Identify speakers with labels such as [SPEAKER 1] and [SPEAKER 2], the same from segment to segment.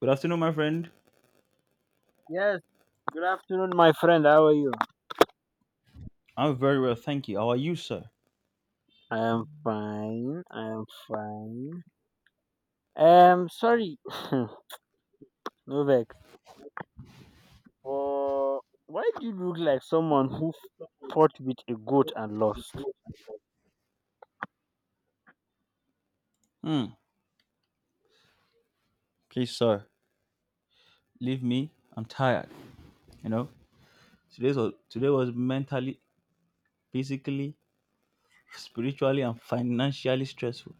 [SPEAKER 1] Good afternoon, my friend.
[SPEAKER 2] Yes, good afternoon, my friend. How are you?
[SPEAKER 1] I'm very well, thank you. How are you, sir?
[SPEAKER 2] I am fine. I am fine. Sorry, Novak. Why do you look like someone who fought with a goat and lost?
[SPEAKER 1] Hmm. Please, sir, leave me. I'm tired. You know, today was mentally, physically, spiritually, and financially stressful.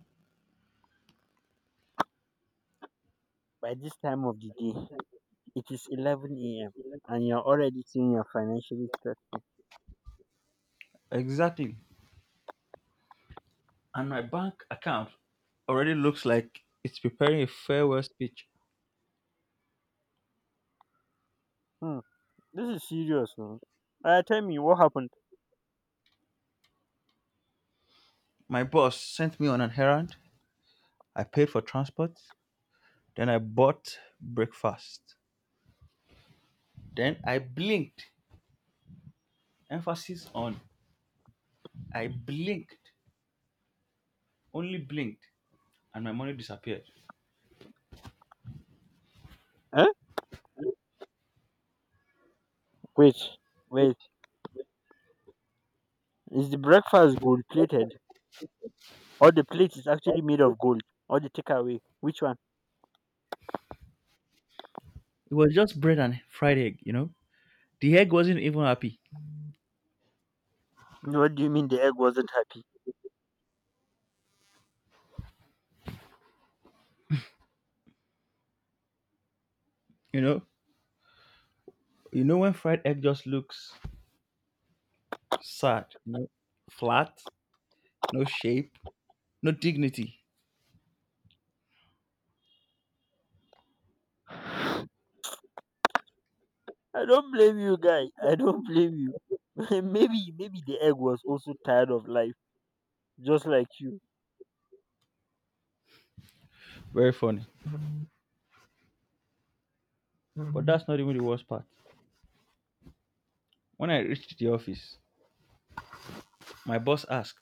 [SPEAKER 2] By this time of the day, it is 11 a.m. and you're already seeing your financial stress.
[SPEAKER 1] Exactly. And my bank account already looks like it's preparing a farewell speech.
[SPEAKER 2] Hmm, this is serious, man. Tell me what happened.
[SPEAKER 1] My boss sent me on an errand. I paid for transport. Then I bought breakfast. Then I blinked. Emphasis on I blinked. Only blinked and my money disappeared.
[SPEAKER 2] Huh? Wait, wait. Is the breakfast gold plated, or the plate is actually made of gold, or the takeaway? Which one?
[SPEAKER 1] It was just bread and fried egg, you know. The egg wasn't even happy,
[SPEAKER 2] What do you mean the egg wasn't happy?
[SPEAKER 1] you know. You know when fried egg just looks sad, you know, flat, no shape, no dignity.
[SPEAKER 2] I don't blame you, guy. I don't blame you. Maybe the egg was also tired of life, just like you.
[SPEAKER 1] Very funny. But that's not even the worst part. When I reached the office, my boss asked,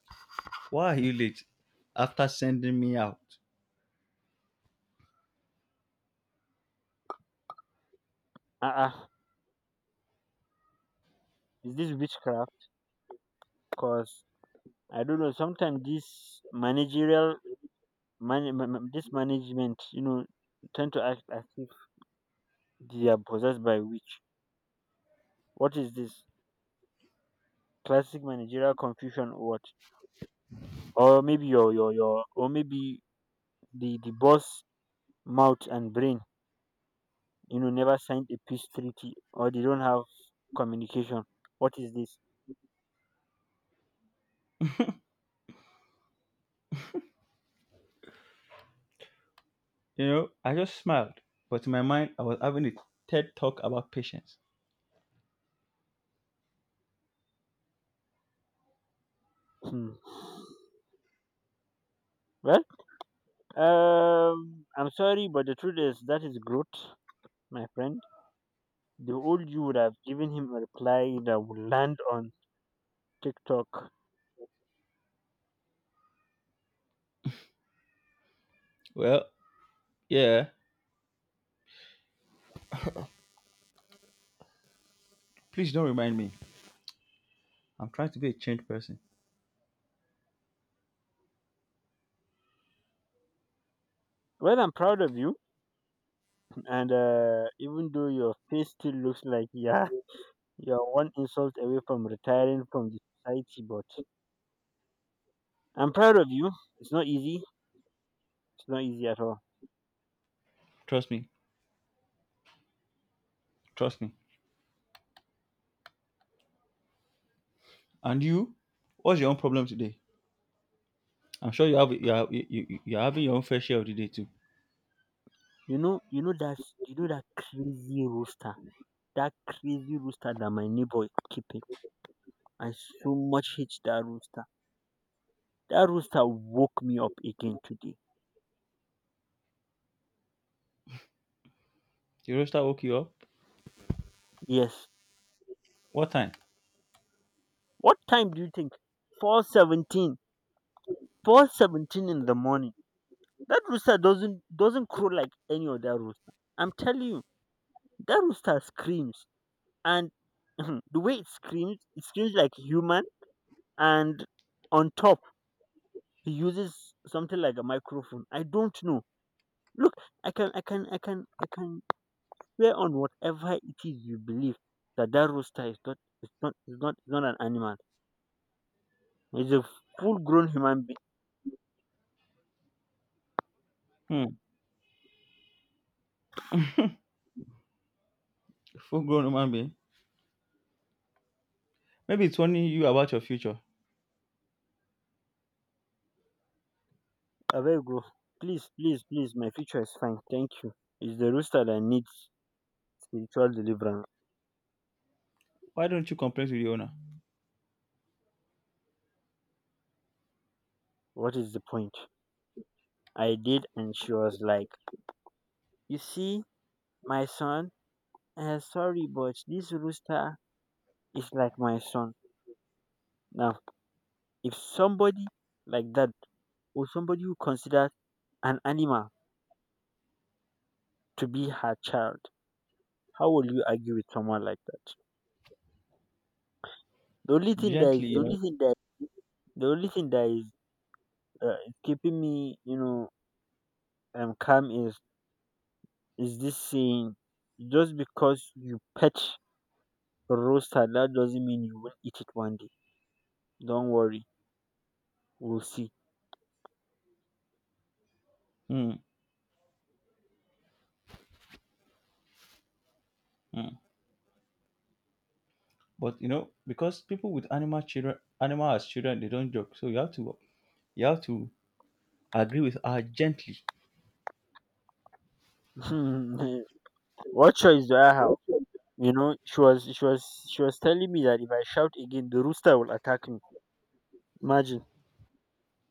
[SPEAKER 1] "Why are you late?" After sending me out,
[SPEAKER 2] Ah, uh is this witchcraft? Cause I don't know. Sometimes this managerial, man, ma- ma- this management, tend to act as if they are possessed by witch. What is this? Classic managerial confusion, or what? Or maybe the boss mouth and brain never signed a peace treaty or they don't have communication. What is this?
[SPEAKER 1] you know, I just smiled, but in my mind, I was having a TED talk about patience.
[SPEAKER 2] hmm. well I'm sorry, but the truth is that is growth, my friend. The old you would have given him a reply that would land on TikTok.
[SPEAKER 1] Well, yeah. Please don't remind me. I'm trying to be a changed person.
[SPEAKER 2] Well, I'm proud of you, and even though your face still looks like, yeah, you're one insult away from retiring from the society, but I'm proud of you. It's not easy. It's not easy at all.
[SPEAKER 1] Trust me. Trust me. And you, what's your own problem today? I'm sure you have you are you, you, you are having your own fair share of the day too.
[SPEAKER 2] You know, you know that you know that crazy rooster, that crazy rooster that my neighbor keeping. I so much hate that rooster. That rooster woke me up again today.
[SPEAKER 1] The roaster woke you up.
[SPEAKER 2] Yes.
[SPEAKER 1] What time?
[SPEAKER 2] What time do you think? 4:17. 4:17 in the morning. That rooster doesn't crow like any other rooster. I'm telling you, that rooster screams, and the way it screams like human, and on top he uses something like a microphone. I don't know. Look, I can swear on whatever it is you believe that that rooster is not, is not an animal. It's a full-grown human being.
[SPEAKER 1] Hmm. Full grown human being. Maybe it's warning you about your future.
[SPEAKER 2] I beg you, please, please, please. My future is fine. Thank you. It's the rooster that needs spiritual deliverance.
[SPEAKER 1] Why don't you complain to the owner?
[SPEAKER 2] What is the point? I did, and she was like, "You see, my son. Sorry, but this rooster is like my son. Now, if somebody like that, or somebody who considers an animal to be her child. How will you argue with someone like that? The only thing that
[SPEAKER 1] Gently,
[SPEAKER 2] is the
[SPEAKER 1] you know.
[SPEAKER 2] only thing that the only thing that is uh, keeping me, calm is this saying: just because you pet a rooster, that doesn't mean you will eat it one day. Don't worry, we'll see.
[SPEAKER 1] Hmm. Hmm. But you know, because people with animal children animal as children, they don't joke. So you have to agree with her gently.
[SPEAKER 2] What choice do I have? You know, she was telling me that if I shout again, the rooster will attack me. Imagine.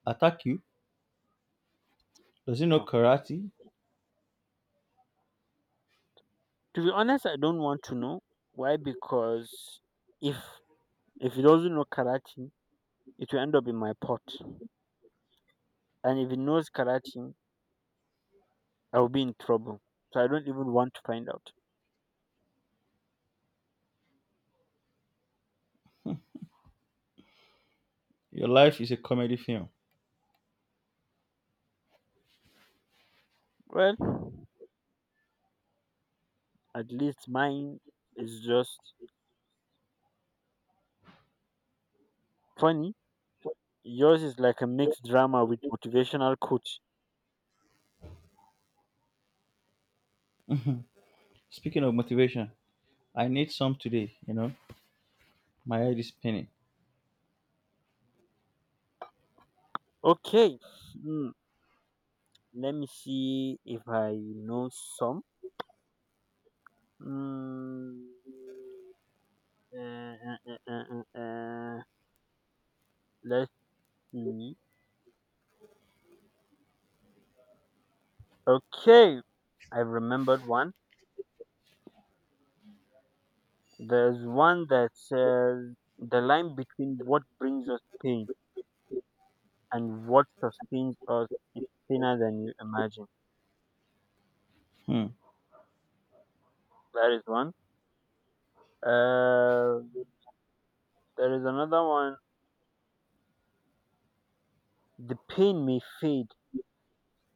[SPEAKER 1] Attack you. Does he know karate?
[SPEAKER 2] To be honest, I don't want to know why because if If he doesn't know karate, it will end up in my pot. And if he knows karate, I will be in trouble. So I don't even want to find out.
[SPEAKER 1] Your life is a comedy film.
[SPEAKER 2] Well, at least mine is just funny. Yours is like a mixed drama with motivational coach.
[SPEAKER 1] Speaking of motivation, I need some today, you know. My head is spinning.
[SPEAKER 2] Okay, hmm, let me see if I know some. Mm, uh, uh, uh, uh, uh, uh, let's see. Okay, I remembered one. There's one that says the line between what brings us pain and what sustains us is thinner than you imagine.
[SPEAKER 1] Hmm.
[SPEAKER 2] That is one. Uh, there is another one. The pain may fade,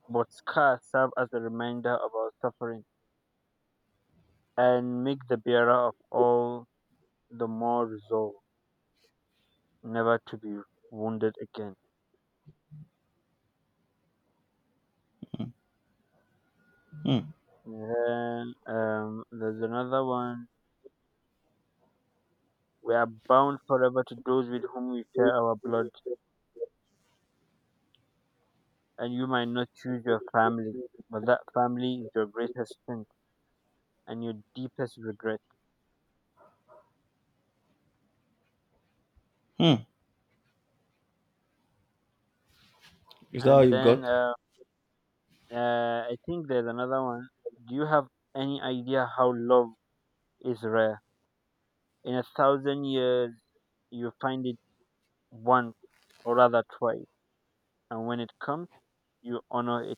[SPEAKER 2] but scars serve as a reminder of our suffering and make the bearer of all the more resolved never to be wounded again.
[SPEAKER 1] Hmm.
[SPEAKER 2] Then there's another one. We are bound forever to those with whom we share our blood, and you might not choose your family, but that family is your greatest strength and your deepest regret.
[SPEAKER 1] Mm. Is that all
[SPEAKER 2] And
[SPEAKER 1] you've
[SPEAKER 2] then
[SPEAKER 1] got?
[SPEAKER 2] uh, uh, I think there's another one. Do you have any idea how love is rare? In a thousand years, you find it once or rather twice, and when it comes, you honor it.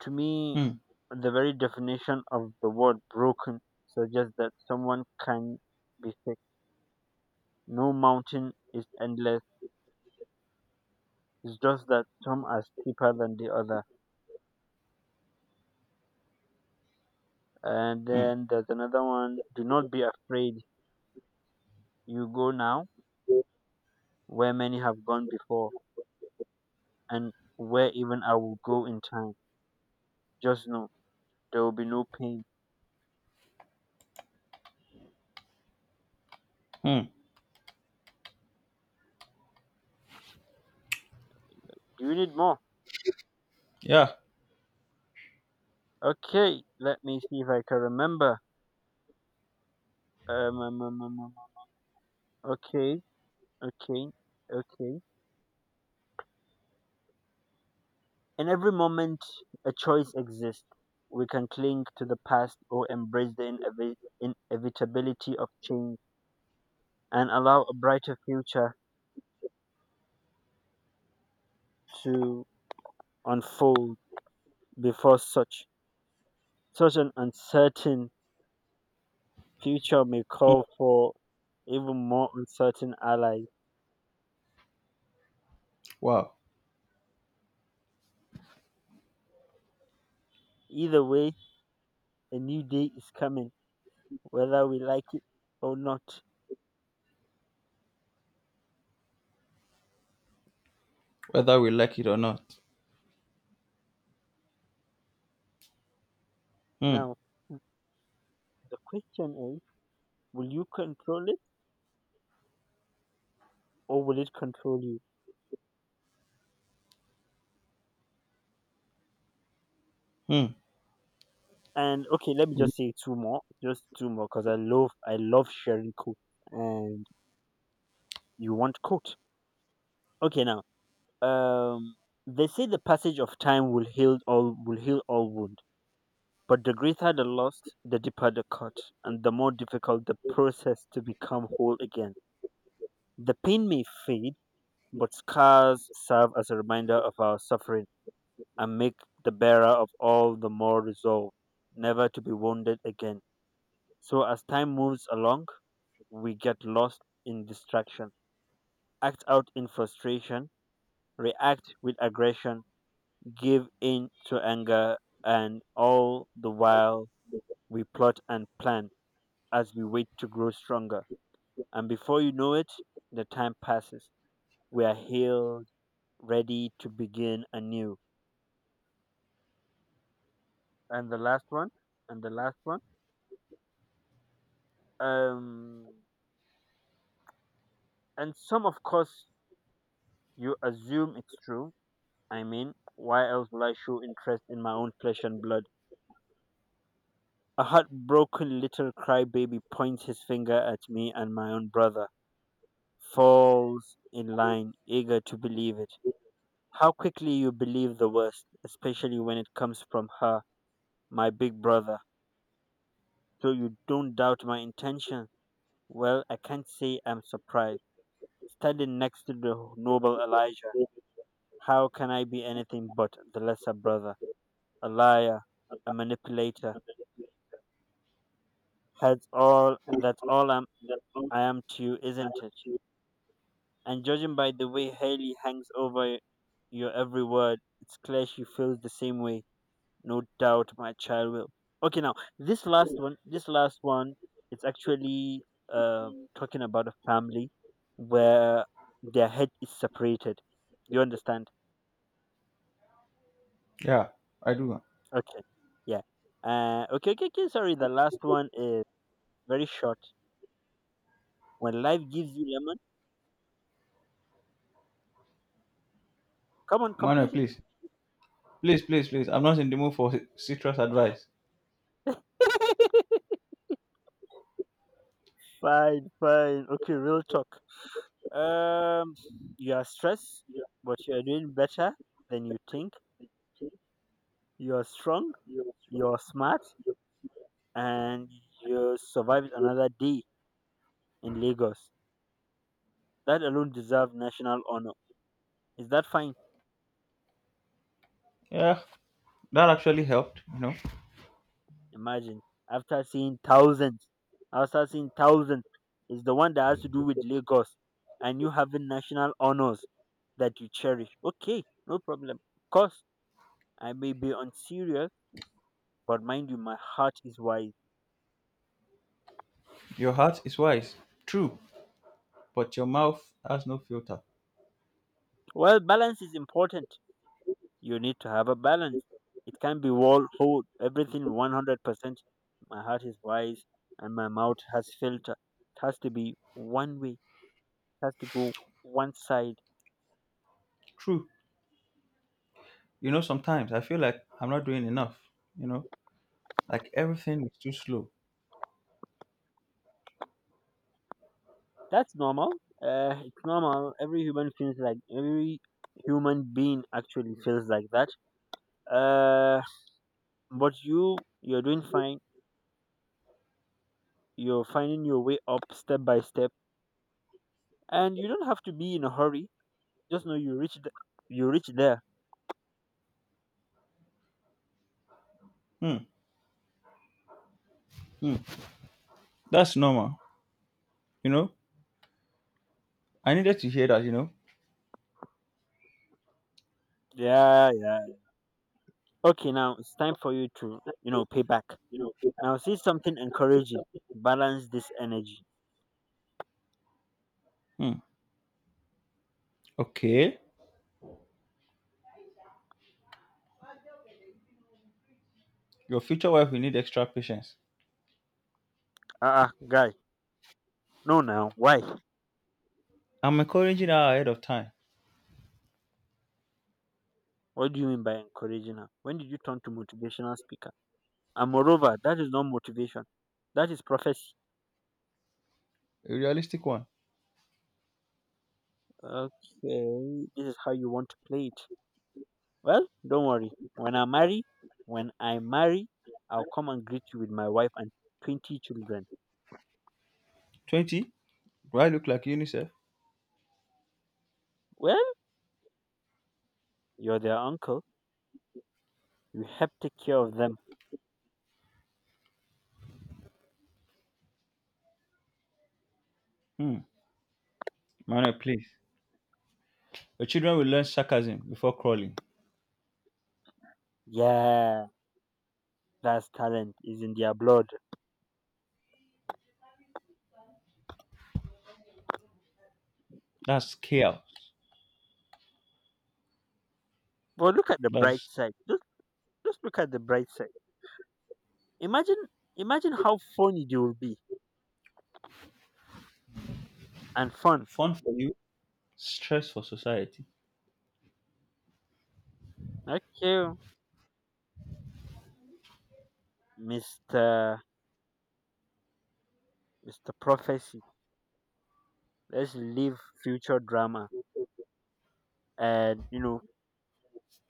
[SPEAKER 2] To me,
[SPEAKER 1] Hmm.
[SPEAKER 2] the very definition of the word broken suggests that someone can be fixed. No mountain is endless. It's just that some are steeper than the other. And
[SPEAKER 1] Hmm.
[SPEAKER 2] then there's another one: do not be afraid. You go now where many have gone before and where even I will go in time. Just know there will be no pain.
[SPEAKER 1] Hmm.
[SPEAKER 2] Do you need more?
[SPEAKER 1] Yeah.
[SPEAKER 2] Okay, let me see if I can remember. Um, um, um, um, um, um. Okay, okay, okay. In every moment, a choice exists. We can cling to the past or embrace the inevitability of change and allow a brighter future to unfold before such an uncertain future may
[SPEAKER 1] Mm.
[SPEAKER 2] call for even more uncertain allies.
[SPEAKER 1] Wow.
[SPEAKER 2] Either way, a new day is coming, whether we like it or not.
[SPEAKER 1] Whether we like it or not. Hmm.
[SPEAKER 2] Now, the question is, will you control it or will it control you?
[SPEAKER 1] Hmm.
[SPEAKER 2] And okay, let me just say two more, just two more, because I love sharing quotes, and you want quote. Okay, now. Um, they say the passage of time will heal all wound, but the greater the loss, the deeper the cut, and the more difficult the process to become whole again. The pain may fade, but scars serve as a reminder of our suffering and make the bearer of all the more resolve never to be wounded again. So as time moves along, we get lost in distraction, act out in frustration, react with aggression, give in to anger, and all the while we plot and plan as we wait to grow stronger. And before you know it, the time passes. We are healed, ready to begin anew. And the last one, and the last one. Um, and some, of course, you assume it's true. I mean, why else will I show interest in my own flesh and blood? A heartbroken little crybaby points his finger at me and my own brother falls in line, eager to believe it. How quickly you believe the worst, especially when it comes from her, my big brother. So you don't doubt my intention? Well, I can't say I'm surprised. Standing next to the noble Elijah, how can I be anything but the lesser brother, a liar, a manipulator? That's all I am to you, isn't it? And judging by the way Haley hangs over your every word, it's clear she feels the same way. No doubt my child will. Okay, now this last one, is actually uh, talking about a family where their head is separated. You understand?
[SPEAKER 1] Yeah, I do.
[SPEAKER 2] Okay. Yeah. Okay. Sorry, the last one is very short. When life gives you lemon, come on,
[SPEAKER 1] Manuel,
[SPEAKER 2] complete it.
[SPEAKER 1] please. Please, please, please. I'm not in the mood for citrus advice.
[SPEAKER 2] Fine, fine. Okay, real talk. Um, you are stressed, but you are doing better than you think. You are strong. You are smart, and you survived another day in Lagos. That alone deserves national honor. Is that fine?
[SPEAKER 1] Yeah, that actually helped. You know,
[SPEAKER 2] Imagine after seeing thousands, after seeing thousands, is the one that has to do with Lagos, and you having national honors that you cherish. Okay, no problem. Of course, I may be unserious, but mind you, my heart is wise.
[SPEAKER 1] your heart is wise. True. But your mouth has no filter.
[SPEAKER 2] Well, balance is important. You need to have a balance. It can't be all whole, everything 100%. My heart is wise and my mouth has filter. It has to be one way, it has to go one side.
[SPEAKER 1] True. You know, sometimes I feel like I'm not doing enough. You know, like everything is too slow.
[SPEAKER 2] That's normal. It's normal. Every human feels like, every human being actually feels like that. Uh, but you, you're doing fine. You're finding your way up step by step. And you don't have to be in a hurry. Just know you reach there.
[SPEAKER 1] Hmm. Hmm. That's normal. You know, I needed to hear that, you know.
[SPEAKER 2] Yeah, yeah. Okay, now it's time for you to, you know, pay back. Now see something encouraging. Balance this energy.
[SPEAKER 1] Hmm. Okay. Your future wife will need extra patience.
[SPEAKER 2] Guy. No, now why?
[SPEAKER 1] I'm encouraging her ahead of time.
[SPEAKER 2] What do you mean by encouraging her? When did you turn to motivational speaker? And moreover, that is not motivation. That is prophecy.
[SPEAKER 1] A realistic one.
[SPEAKER 2] Okay, this is how you want to play it. Well, don't worry. When I marry, I'll come and greet you with my wife and 20 children.
[SPEAKER 1] 20. Do I look like UNICEF?
[SPEAKER 2] Well, you're their uncle. You help take care of them.
[SPEAKER 1] Hmm. Manuel, please. Your children will learn sarcasm before crawling.
[SPEAKER 2] Yeah. That's talent is in their blood.
[SPEAKER 1] That's chaos.
[SPEAKER 2] But look at the bright
[SPEAKER 1] That's
[SPEAKER 2] side. Just look at the bright side. Imagine imagine how funny they will be and fun.
[SPEAKER 1] fun for you, stress for society.
[SPEAKER 2] Okay, Mister Mister Prophecy. Let's leave future drama and, you know,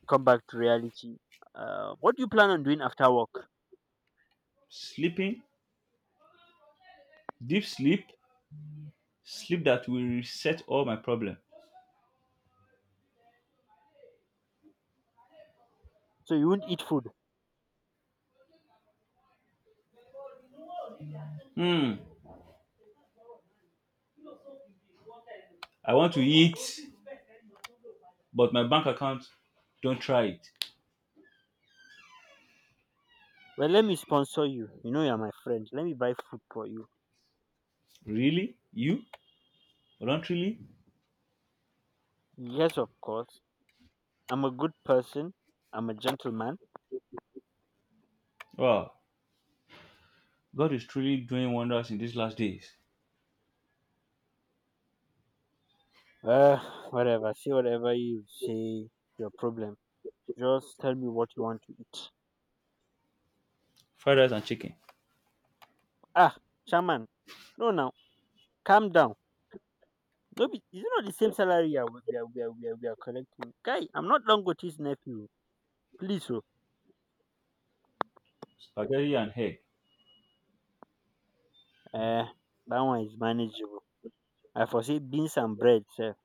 [SPEAKER 2] come back to reality. What do you plan on doing after work?
[SPEAKER 1] Sleeping, deep sleep, sleep that will reset all my problem.
[SPEAKER 2] So you won't eat food.
[SPEAKER 1] Hmm. I want to eat, but my bank account don't try it.
[SPEAKER 2] Well, let me sponsor you. You know you're my friend. Let me buy food for you.
[SPEAKER 1] Really? You? Voluntarily?
[SPEAKER 2] Yes, of course. I'm a good person. I'm a gentleman.
[SPEAKER 1] Wow. God is truly doing wonders in these last days.
[SPEAKER 2] Uh, whatever. Say whatever you say. Your problem. Just tell me what you want to eat.
[SPEAKER 1] Fried rice and chicken,
[SPEAKER 2] Ah, shaman. No, now calm down. No, be, it's not the same salary we are, we are, we are, we are, we are collecting. Guy, I'm not Dangote's nephew. Please, oh.
[SPEAKER 1] spaghetti and egg.
[SPEAKER 2] Uh, that one is manageable. I foresee beans and bread, sir,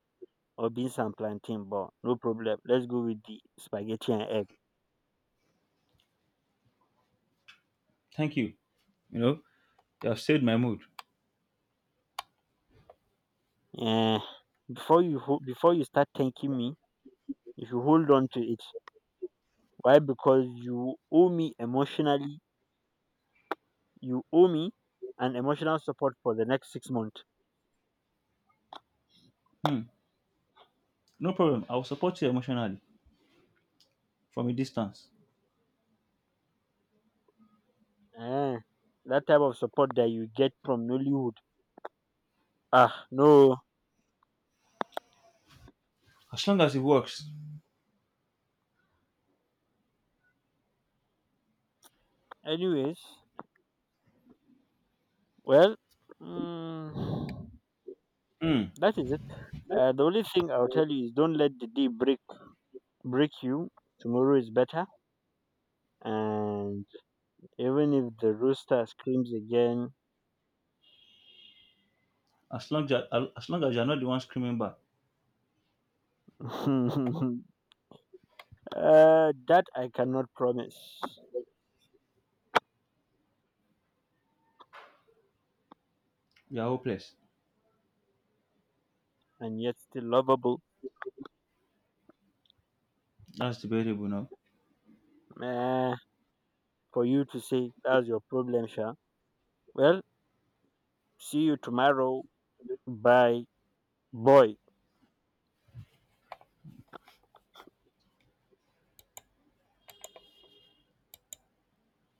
[SPEAKER 2] or beans and plantain, but no problem. Let's go with the spaghetti and egg.
[SPEAKER 1] Thank you. You know, you have saved my mood.
[SPEAKER 2] Eh, before you start thanking me, if you hold on to it, why? Because you owe me emotionally. You owe me an emotional support for the next 6 months.
[SPEAKER 1] Hmm. No problem. I will support you emotionally from a distance.
[SPEAKER 2] Eh, that type of support that you get from Nollywood. Ah, no.
[SPEAKER 1] As long as it works.
[SPEAKER 2] Anyways, well, mm,
[SPEAKER 1] Hmm.
[SPEAKER 2] that is it. The only thing I'll tell you is don't let the day break you. Tomorrow is better, and even if the rooster screams again,
[SPEAKER 1] As long as, as long as you're not the one screaming back,
[SPEAKER 2] uh, that I cannot promise,
[SPEAKER 1] you're hopeless.
[SPEAKER 2] and yet still lovable.
[SPEAKER 1] That's debatable, no?
[SPEAKER 2] Eh, for you to say that's your problem, sha. Well, see you tomorrow. Bye. Boy.